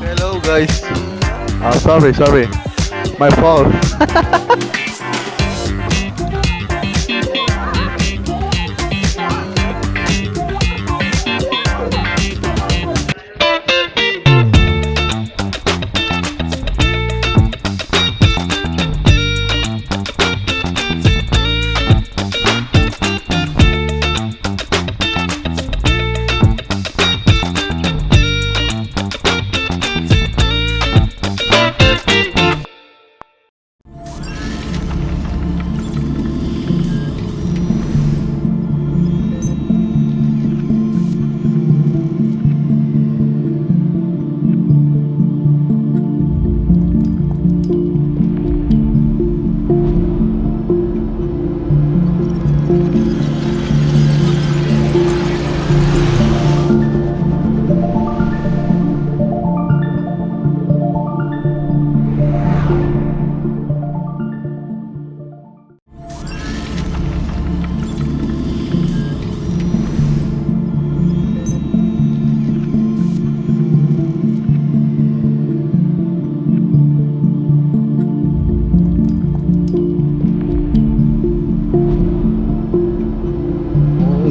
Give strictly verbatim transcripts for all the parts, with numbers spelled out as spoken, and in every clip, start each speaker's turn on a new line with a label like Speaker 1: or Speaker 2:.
Speaker 1: Hello, guys. Oh, sorry, sorry. My fault.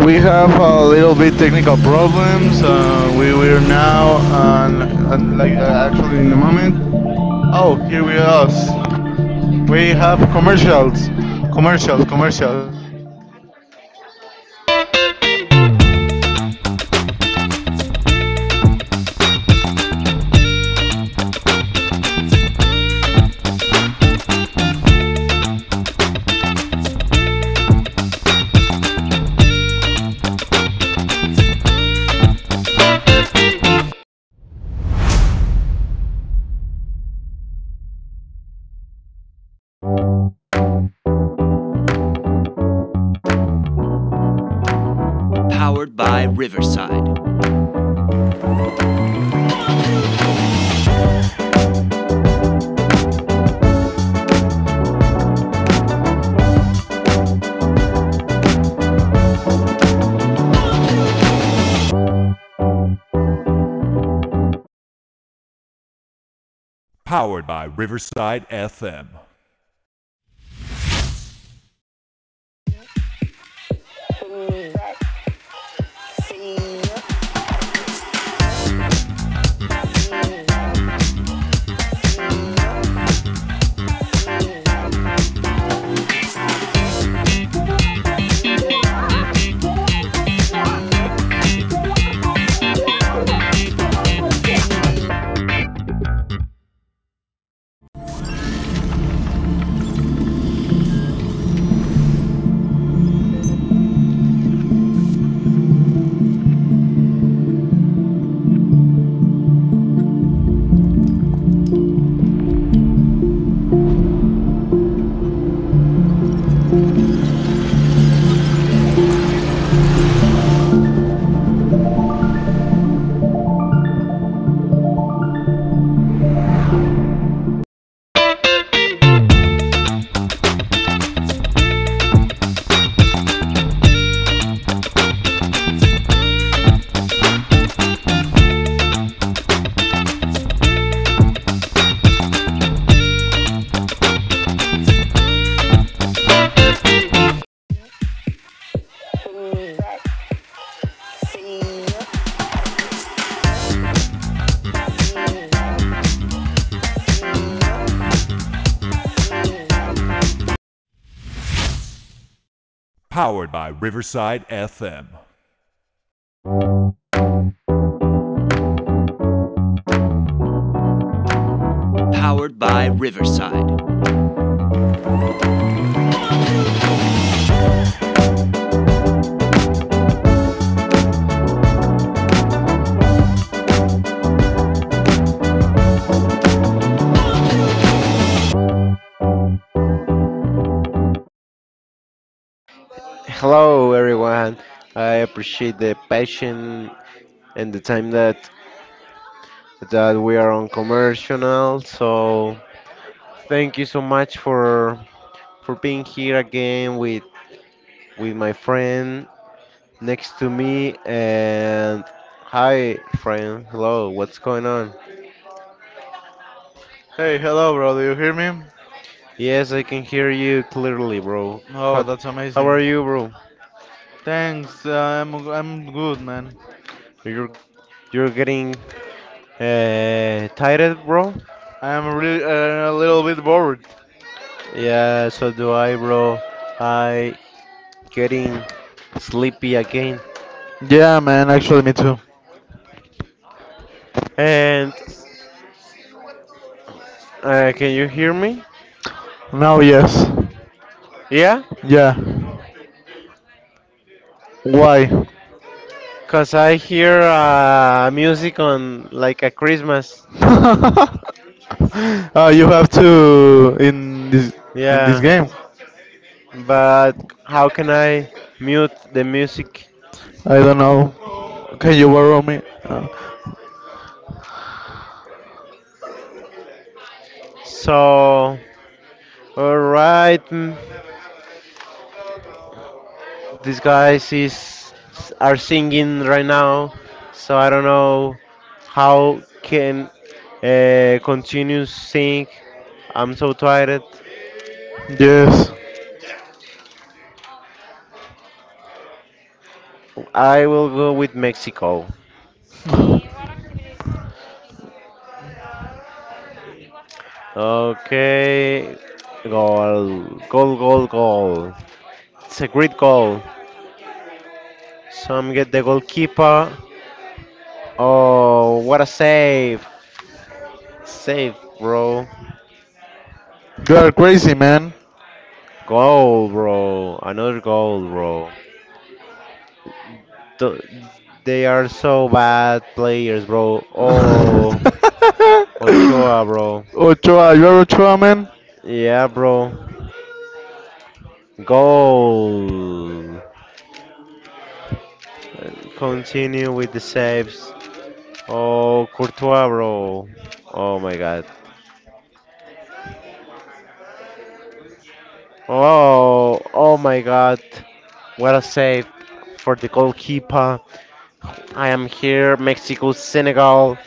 Speaker 1: we have a little bit technical problems. Uh, we were now on, on like uh, actually in the moment. Oh, here we are. We have commercials, commercials, commercials.
Speaker 2: Hello, everyone. I appreciate the passion and the time that that we are on commercial. So thank you so much for for being here again with with my friend next to me. And hi, friend. Hello. What's going on?
Speaker 1: Hey, hello, bro. Do you hear me?
Speaker 2: Yes, I can hear you clearly, bro.
Speaker 1: Oh,
Speaker 2: Cut-
Speaker 1: that's
Speaker 2: How
Speaker 1: amazing.
Speaker 2: are you, bro?
Speaker 1: Thanks. Uh, I'm I'm good, man.
Speaker 2: You're you're getting uh, tired, bro?
Speaker 1: I'm really uh, a little bit bored.
Speaker 2: Yeah, so do I, bro. I getting sleepy again.
Speaker 1: Yeah, man. Actually, me too.
Speaker 2: And uh, can you hear me?
Speaker 1: Now, yes.
Speaker 2: Yeah,
Speaker 1: Yeah. Why?
Speaker 2: cause I hear uh, music on like a Christmas.
Speaker 1: uh, you have to in this in this
Speaker 2: Yeah,
Speaker 1: game.
Speaker 2: but how can I mute the music?
Speaker 1: I don't know. Can you borrow me? Uh,
Speaker 2: So, alright, mm, these guys is are singing right now. So I don't know how can uh, continue sing. I'm so tired.
Speaker 1: yes.
Speaker 2: I will go with Mexico. Okay. Goal. Goal, goal, goal. It's a great goal. So I'm get the goalkeeper. Oh, what a save. Save, bro.
Speaker 1: You are crazy, man.
Speaker 2: Goal, bro. Another goal, bro. Th- They are so bad players, bro. Oh, Ochoa, bro.
Speaker 1: Ochoa, you are Ochoa, man.
Speaker 2: Yeah, bro. Goal. And continue with the saves. Oh, Courtois, bro. Oh my god. Oh, oh my god. What a save for the goalkeeper. I am here, Mexico, Senegal,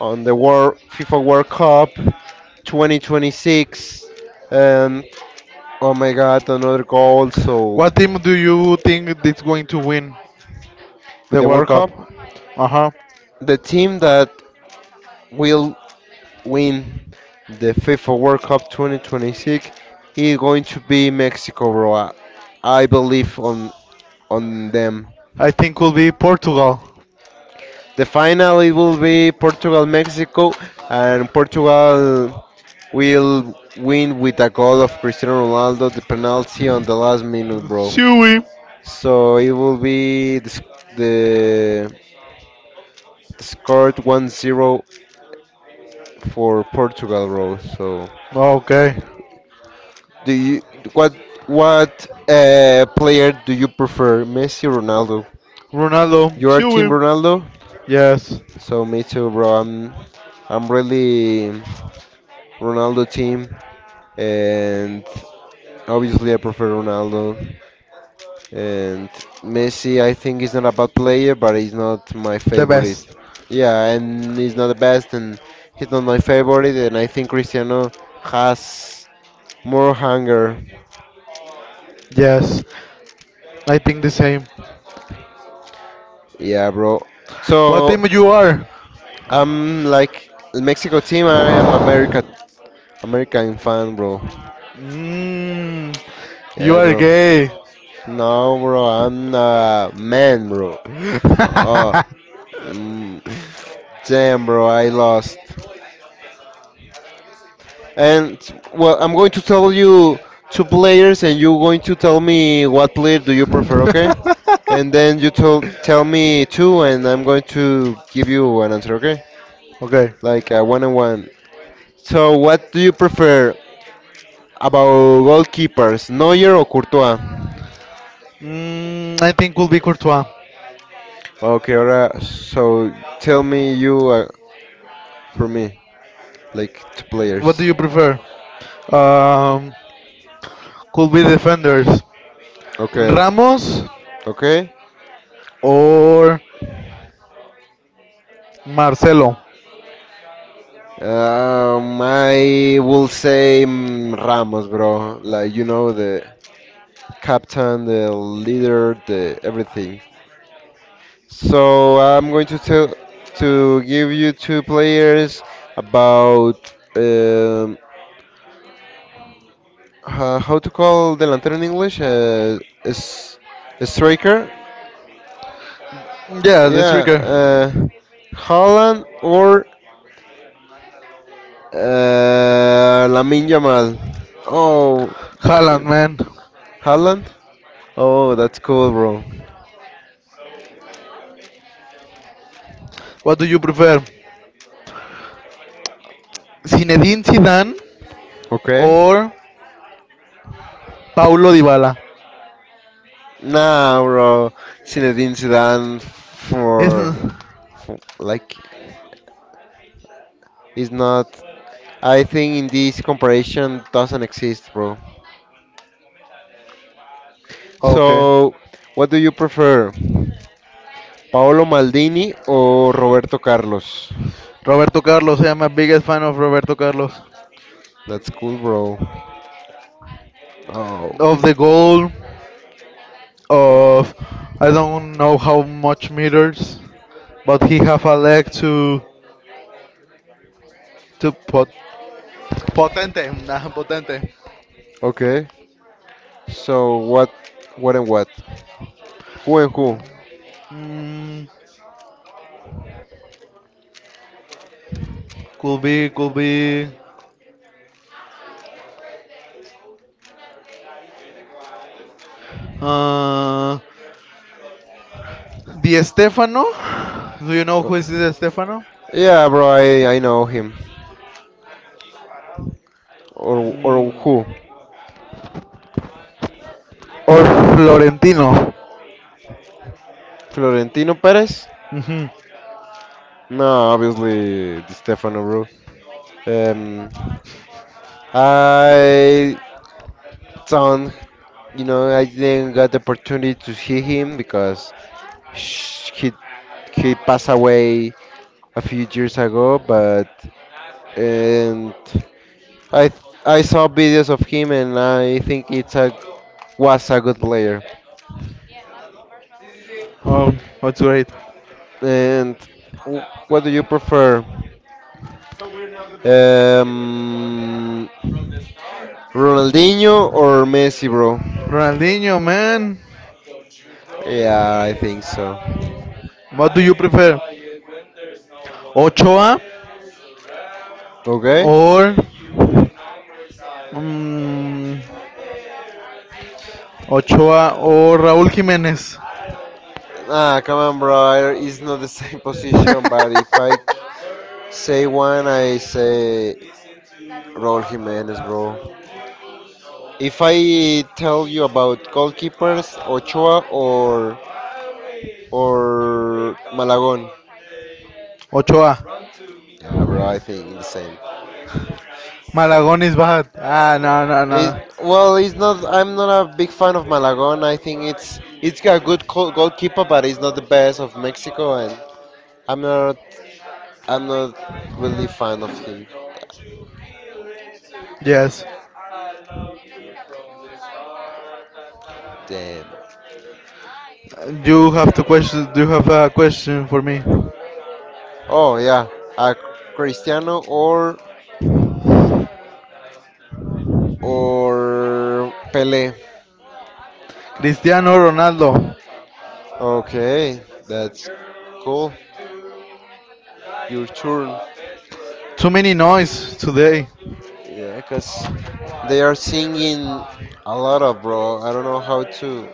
Speaker 2: on the World FIFA World Cup twenty twenty-six. And oh my god, another goal. So
Speaker 1: What team do you think is going to win the
Speaker 2: the
Speaker 1: World
Speaker 2: World
Speaker 1: Cup?
Speaker 2: Cup,
Speaker 1: Uh huh.
Speaker 2: the team that will win the FIFA World Cup twenty twenty-six is going to be Mexico, bro. I, I believe on on them.
Speaker 1: I think will be Portugal.
Speaker 2: The final it will be Portugal Mexico, and Portugal will win with a goal of Cristiano Ronaldo, the penalty on the last minute, bro.
Speaker 1: Chewy.
Speaker 2: So it will be the sc- the, the scored one zero for Portugal, bro. So.
Speaker 1: Okay.
Speaker 2: Do you what what uh, player do you prefer, Messi or Ronaldo?
Speaker 1: Ronaldo.
Speaker 2: You are Team
Speaker 1: Chewy.
Speaker 2: Ronaldo,
Speaker 1: Yes.
Speaker 2: so me too, bro. I'm I'm really Ronaldo team, and obviously I prefer Ronaldo. And Messi, I think he's not a bad player, but he's not my
Speaker 1: The
Speaker 2: favorite.
Speaker 1: best.
Speaker 2: Yeah, and he's not the best, and he's not my favorite. And I think Cristiano has more hunger.
Speaker 1: Yes, I think the same.
Speaker 2: Yeah, bro.
Speaker 1: What
Speaker 2: So.
Speaker 1: team you are?
Speaker 2: I'm like Mexico team. I am America American fan, bro.
Speaker 1: Mm, you
Speaker 2: Yeah,
Speaker 1: are
Speaker 2: bro.
Speaker 1: gay.
Speaker 2: No, bro. I'm a man, bro. Oh, mm, damn, bro. I lost. And well, I'm going to tell you two players, and you're going to tell me what player do you prefer, okay? And then you tell tell me two, and I'm going to give you an answer, okay?
Speaker 1: okay.
Speaker 2: Like a one on one. So, what do you prefer, about goalkeepers, Neuer or Courtois?
Speaker 1: Mm, I think could be Courtois.
Speaker 2: Okay, alright. So tell me you uh, for me, like two
Speaker 1: What do
Speaker 2: players.
Speaker 1: you prefer? Um, could be defenders.
Speaker 2: Okay,
Speaker 1: Ramos
Speaker 2: okay.
Speaker 1: or Marcelo.
Speaker 2: Um, I will say mm, Ramos, bro. Like you know the captain, the leader, the everything. So I'm going to tell to give you two players about um, uh, how to call the lantern in English? Uh, is a striker?
Speaker 1: Yeah, the
Speaker 2: Yeah,
Speaker 1: striker.
Speaker 2: uh, Haaland or uh, Lamine Yamal. Oh,
Speaker 1: Haaland, man.
Speaker 2: Haaland? Oh, that's cool, bro.
Speaker 1: What do you prefer? Zinedine Zidane
Speaker 2: Okay.
Speaker 1: or Paulo Dybala?
Speaker 2: Nah, bro. Zinedine Zidane for,
Speaker 1: Isn't
Speaker 2: for like is not. I think in this comparison doesn't exist, bro.
Speaker 1: okay.
Speaker 2: So, what do you prefer? Paolo Maldini or Roberto Carlos?
Speaker 1: Roberto Carlos. I am a biggest fan of Roberto Carlos.
Speaker 2: That's cool, bro. Oh,
Speaker 1: Of the goal, of I don't know how much meters, but he have a leg to to pot, potente, nah, potente.
Speaker 2: okay. So what, what and what? Who and who?
Speaker 1: Mm, could be, could be. Uh, Di Stefano. Do you know who is Di Stefano?
Speaker 2: Yeah, bro, I, I know him. Or or
Speaker 1: Mm,
Speaker 2: who?
Speaker 1: or Florentino.
Speaker 2: Florentino Perez?
Speaker 1: Mhm.
Speaker 2: No, obviously Di Stefano, bro. Um, I don't, you know, I didn't got the opportunity to see him because sh- he he passed away a few years ago. But and I th- I saw videos of him, and I think it's a was a good player.
Speaker 1: Oh, that's great.
Speaker 2: And w- what do you prefer, um, Ronaldinho or Messi, bro?
Speaker 1: Ronaldinho, man.
Speaker 2: Yeah, I think so.
Speaker 1: What do you prefer? Ochoa
Speaker 2: Okay.
Speaker 1: or mm, Ochoa or Raúl Jiménez?
Speaker 2: Ah, come on, bro. I- It's not the same position, but if I say one, I say Raul Jimenez, bro. If I tell you about goalkeepers, Ochoa or or Malagon,
Speaker 1: Ochoa.
Speaker 2: yeah, bro, I think the same.
Speaker 1: Malagón is bad. Ah, no, no,
Speaker 2: It,
Speaker 1: no.
Speaker 2: well, it's not. I'm not a big fan of Malagon. I think it's it's got a good co- goalkeeper, but he's not the best of Mexico, and I'm not I'm not really fan of him.
Speaker 1: Yes.
Speaker 2: Damn.
Speaker 1: You have to question. Do you have a question for me?
Speaker 2: Oh yeah, uh, Cristiano or or Pele.
Speaker 1: Cristiano Ronaldo.
Speaker 2: Okay, that's cool. Your turn.
Speaker 1: Too many noise today.
Speaker 2: Yeah, 'cause they are singing a lot of bro. I don't know how to.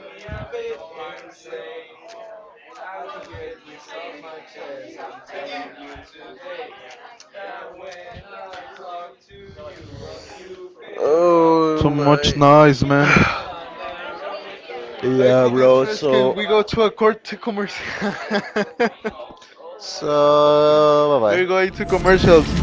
Speaker 1: Too
Speaker 2: Oh
Speaker 1: much
Speaker 2: my.
Speaker 1: noise, man. I
Speaker 2: yeah,
Speaker 1: could be
Speaker 2: bro.
Speaker 1: stressed. Can
Speaker 2: So.
Speaker 1: we go to a court to commercial?
Speaker 2: So bye
Speaker 1: We're going to
Speaker 2: bye.
Speaker 1: commercials.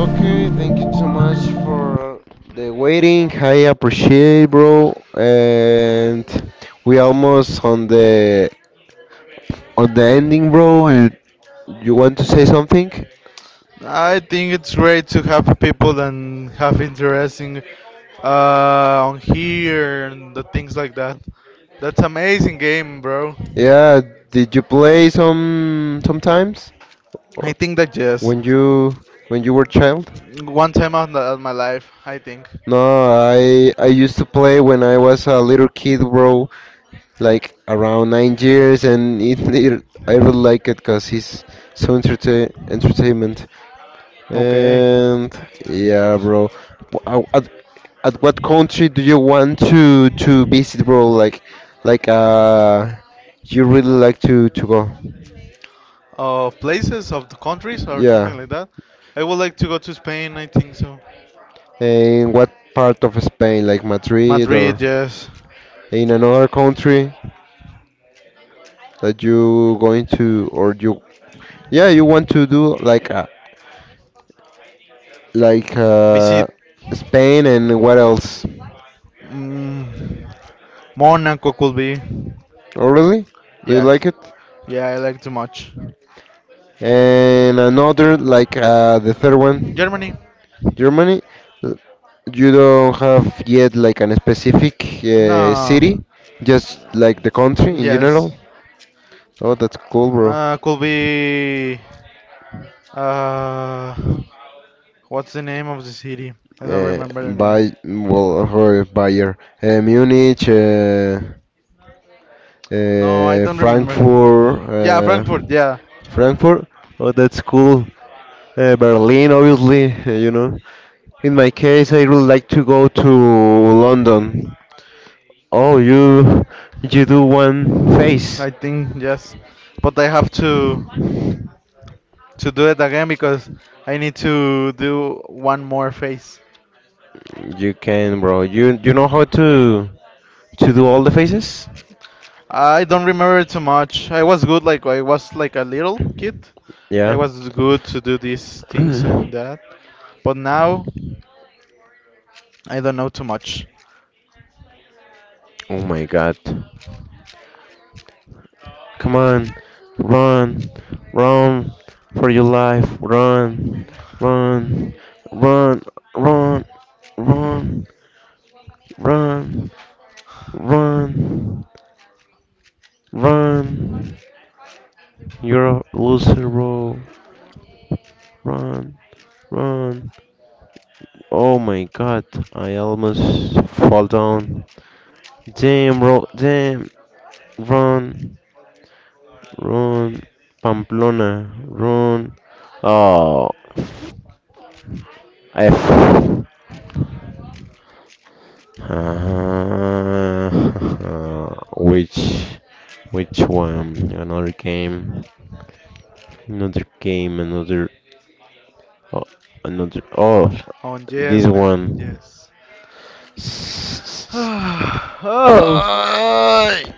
Speaker 2: Okay, thank you so much for the waiting. I appreciate, bro. And we almost on the on the ending, bro, you, you want to say something?
Speaker 1: I think it's great to have people that have interesting uh, on here and the things like that. That's amazing game, bro.
Speaker 2: Yeah, did you play some sometimes
Speaker 1: I think that yes,
Speaker 2: when you when you were child?
Speaker 1: one time out of my life, I think.
Speaker 2: No, I I used to play when I was a little kid, bro, like around nine years, and it, it I really like it because it's so entertain entertainment.
Speaker 1: Okay.
Speaker 2: And yeah, bro, W- I, at At what country do you want to to visit, bro? Like, like uh, you really like to to go?
Speaker 1: Of places of the countries or
Speaker 2: Yeah.
Speaker 1: something like that. I would like to go to Spain. I think so.
Speaker 2: In what part of Spain, like Madrid
Speaker 1: Madrid,
Speaker 2: or
Speaker 1: yes.
Speaker 2: in another country that you going to or you? Yeah, you want to do like uh, like uh,
Speaker 1: Visit.
Speaker 2: Spain and what else?
Speaker 1: Mm, Monaco could be.
Speaker 2: Oh, really? Do you
Speaker 1: Yes.
Speaker 2: like it?
Speaker 1: Yeah, I like too much.
Speaker 2: And another like uh, the third one.
Speaker 1: Germany.
Speaker 2: Germany. You don't have yet like an specific uh, city,
Speaker 1: No.
Speaker 2: just like the country in general.
Speaker 1: Yes.
Speaker 2: Oh, that's cool, bro.
Speaker 1: Uh, could be. Uh, what's the name of the city? I don't
Speaker 2: Uh,
Speaker 1: remember the name.
Speaker 2: by well, or Bayer, uh, Munich, uh,
Speaker 1: No, I
Speaker 2: uh,
Speaker 1: don't remember.
Speaker 2: Frankfurt,
Speaker 1: Yeah,
Speaker 2: uh,
Speaker 1: Frankfurt. Yeah,
Speaker 2: Frankfurt. Oh, that's cool. Uh, Berlin, obviously. uh, you know. In my case, I would like to go to London. Oh, you you do one face.
Speaker 1: I think yes, but I have to to do it again because I need to do one more phase.
Speaker 2: You can, bro. You you know how to to do all the faces?
Speaker 1: I don't remember too much. I was good, like I was like a little kid. I
Speaker 2: Yeah.
Speaker 1: was good to do these things and that, but now I don't know too much.
Speaker 2: Oh my god. Come on. Run. Run for your life. Run. Run. Run. Run. Run. Run. Run. Run. You're a loser, bro. Run. Run. Oh my god. I almost fall down. Damn, bro. Damn. Run, run, Pamplona, run. Oh, F. Uh, which which one? Another game, another game, another oh, another. Oh,
Speaker 1: Oh
Speaker 2: this
Speaker 1: yes, man.
Speaker 2: one.
Speaker 1: Yes. oh, sorry.
Speaker 2: Ay.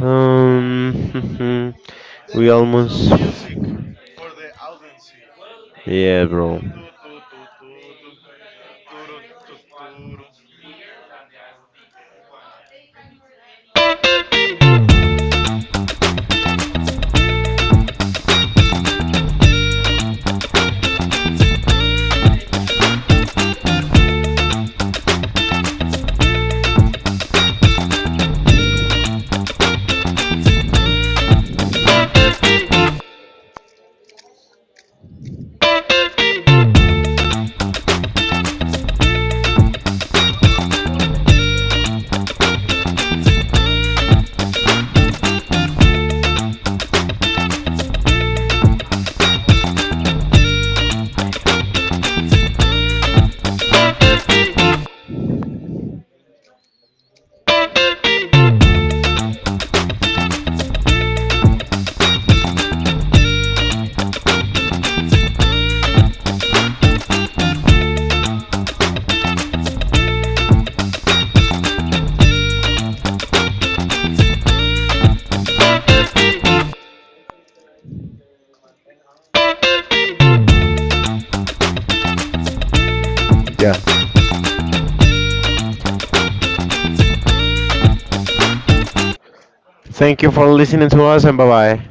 Speaker 2: Um, we almost. Yeah, bro. Yeah. Thank you for listening to us and bye bye.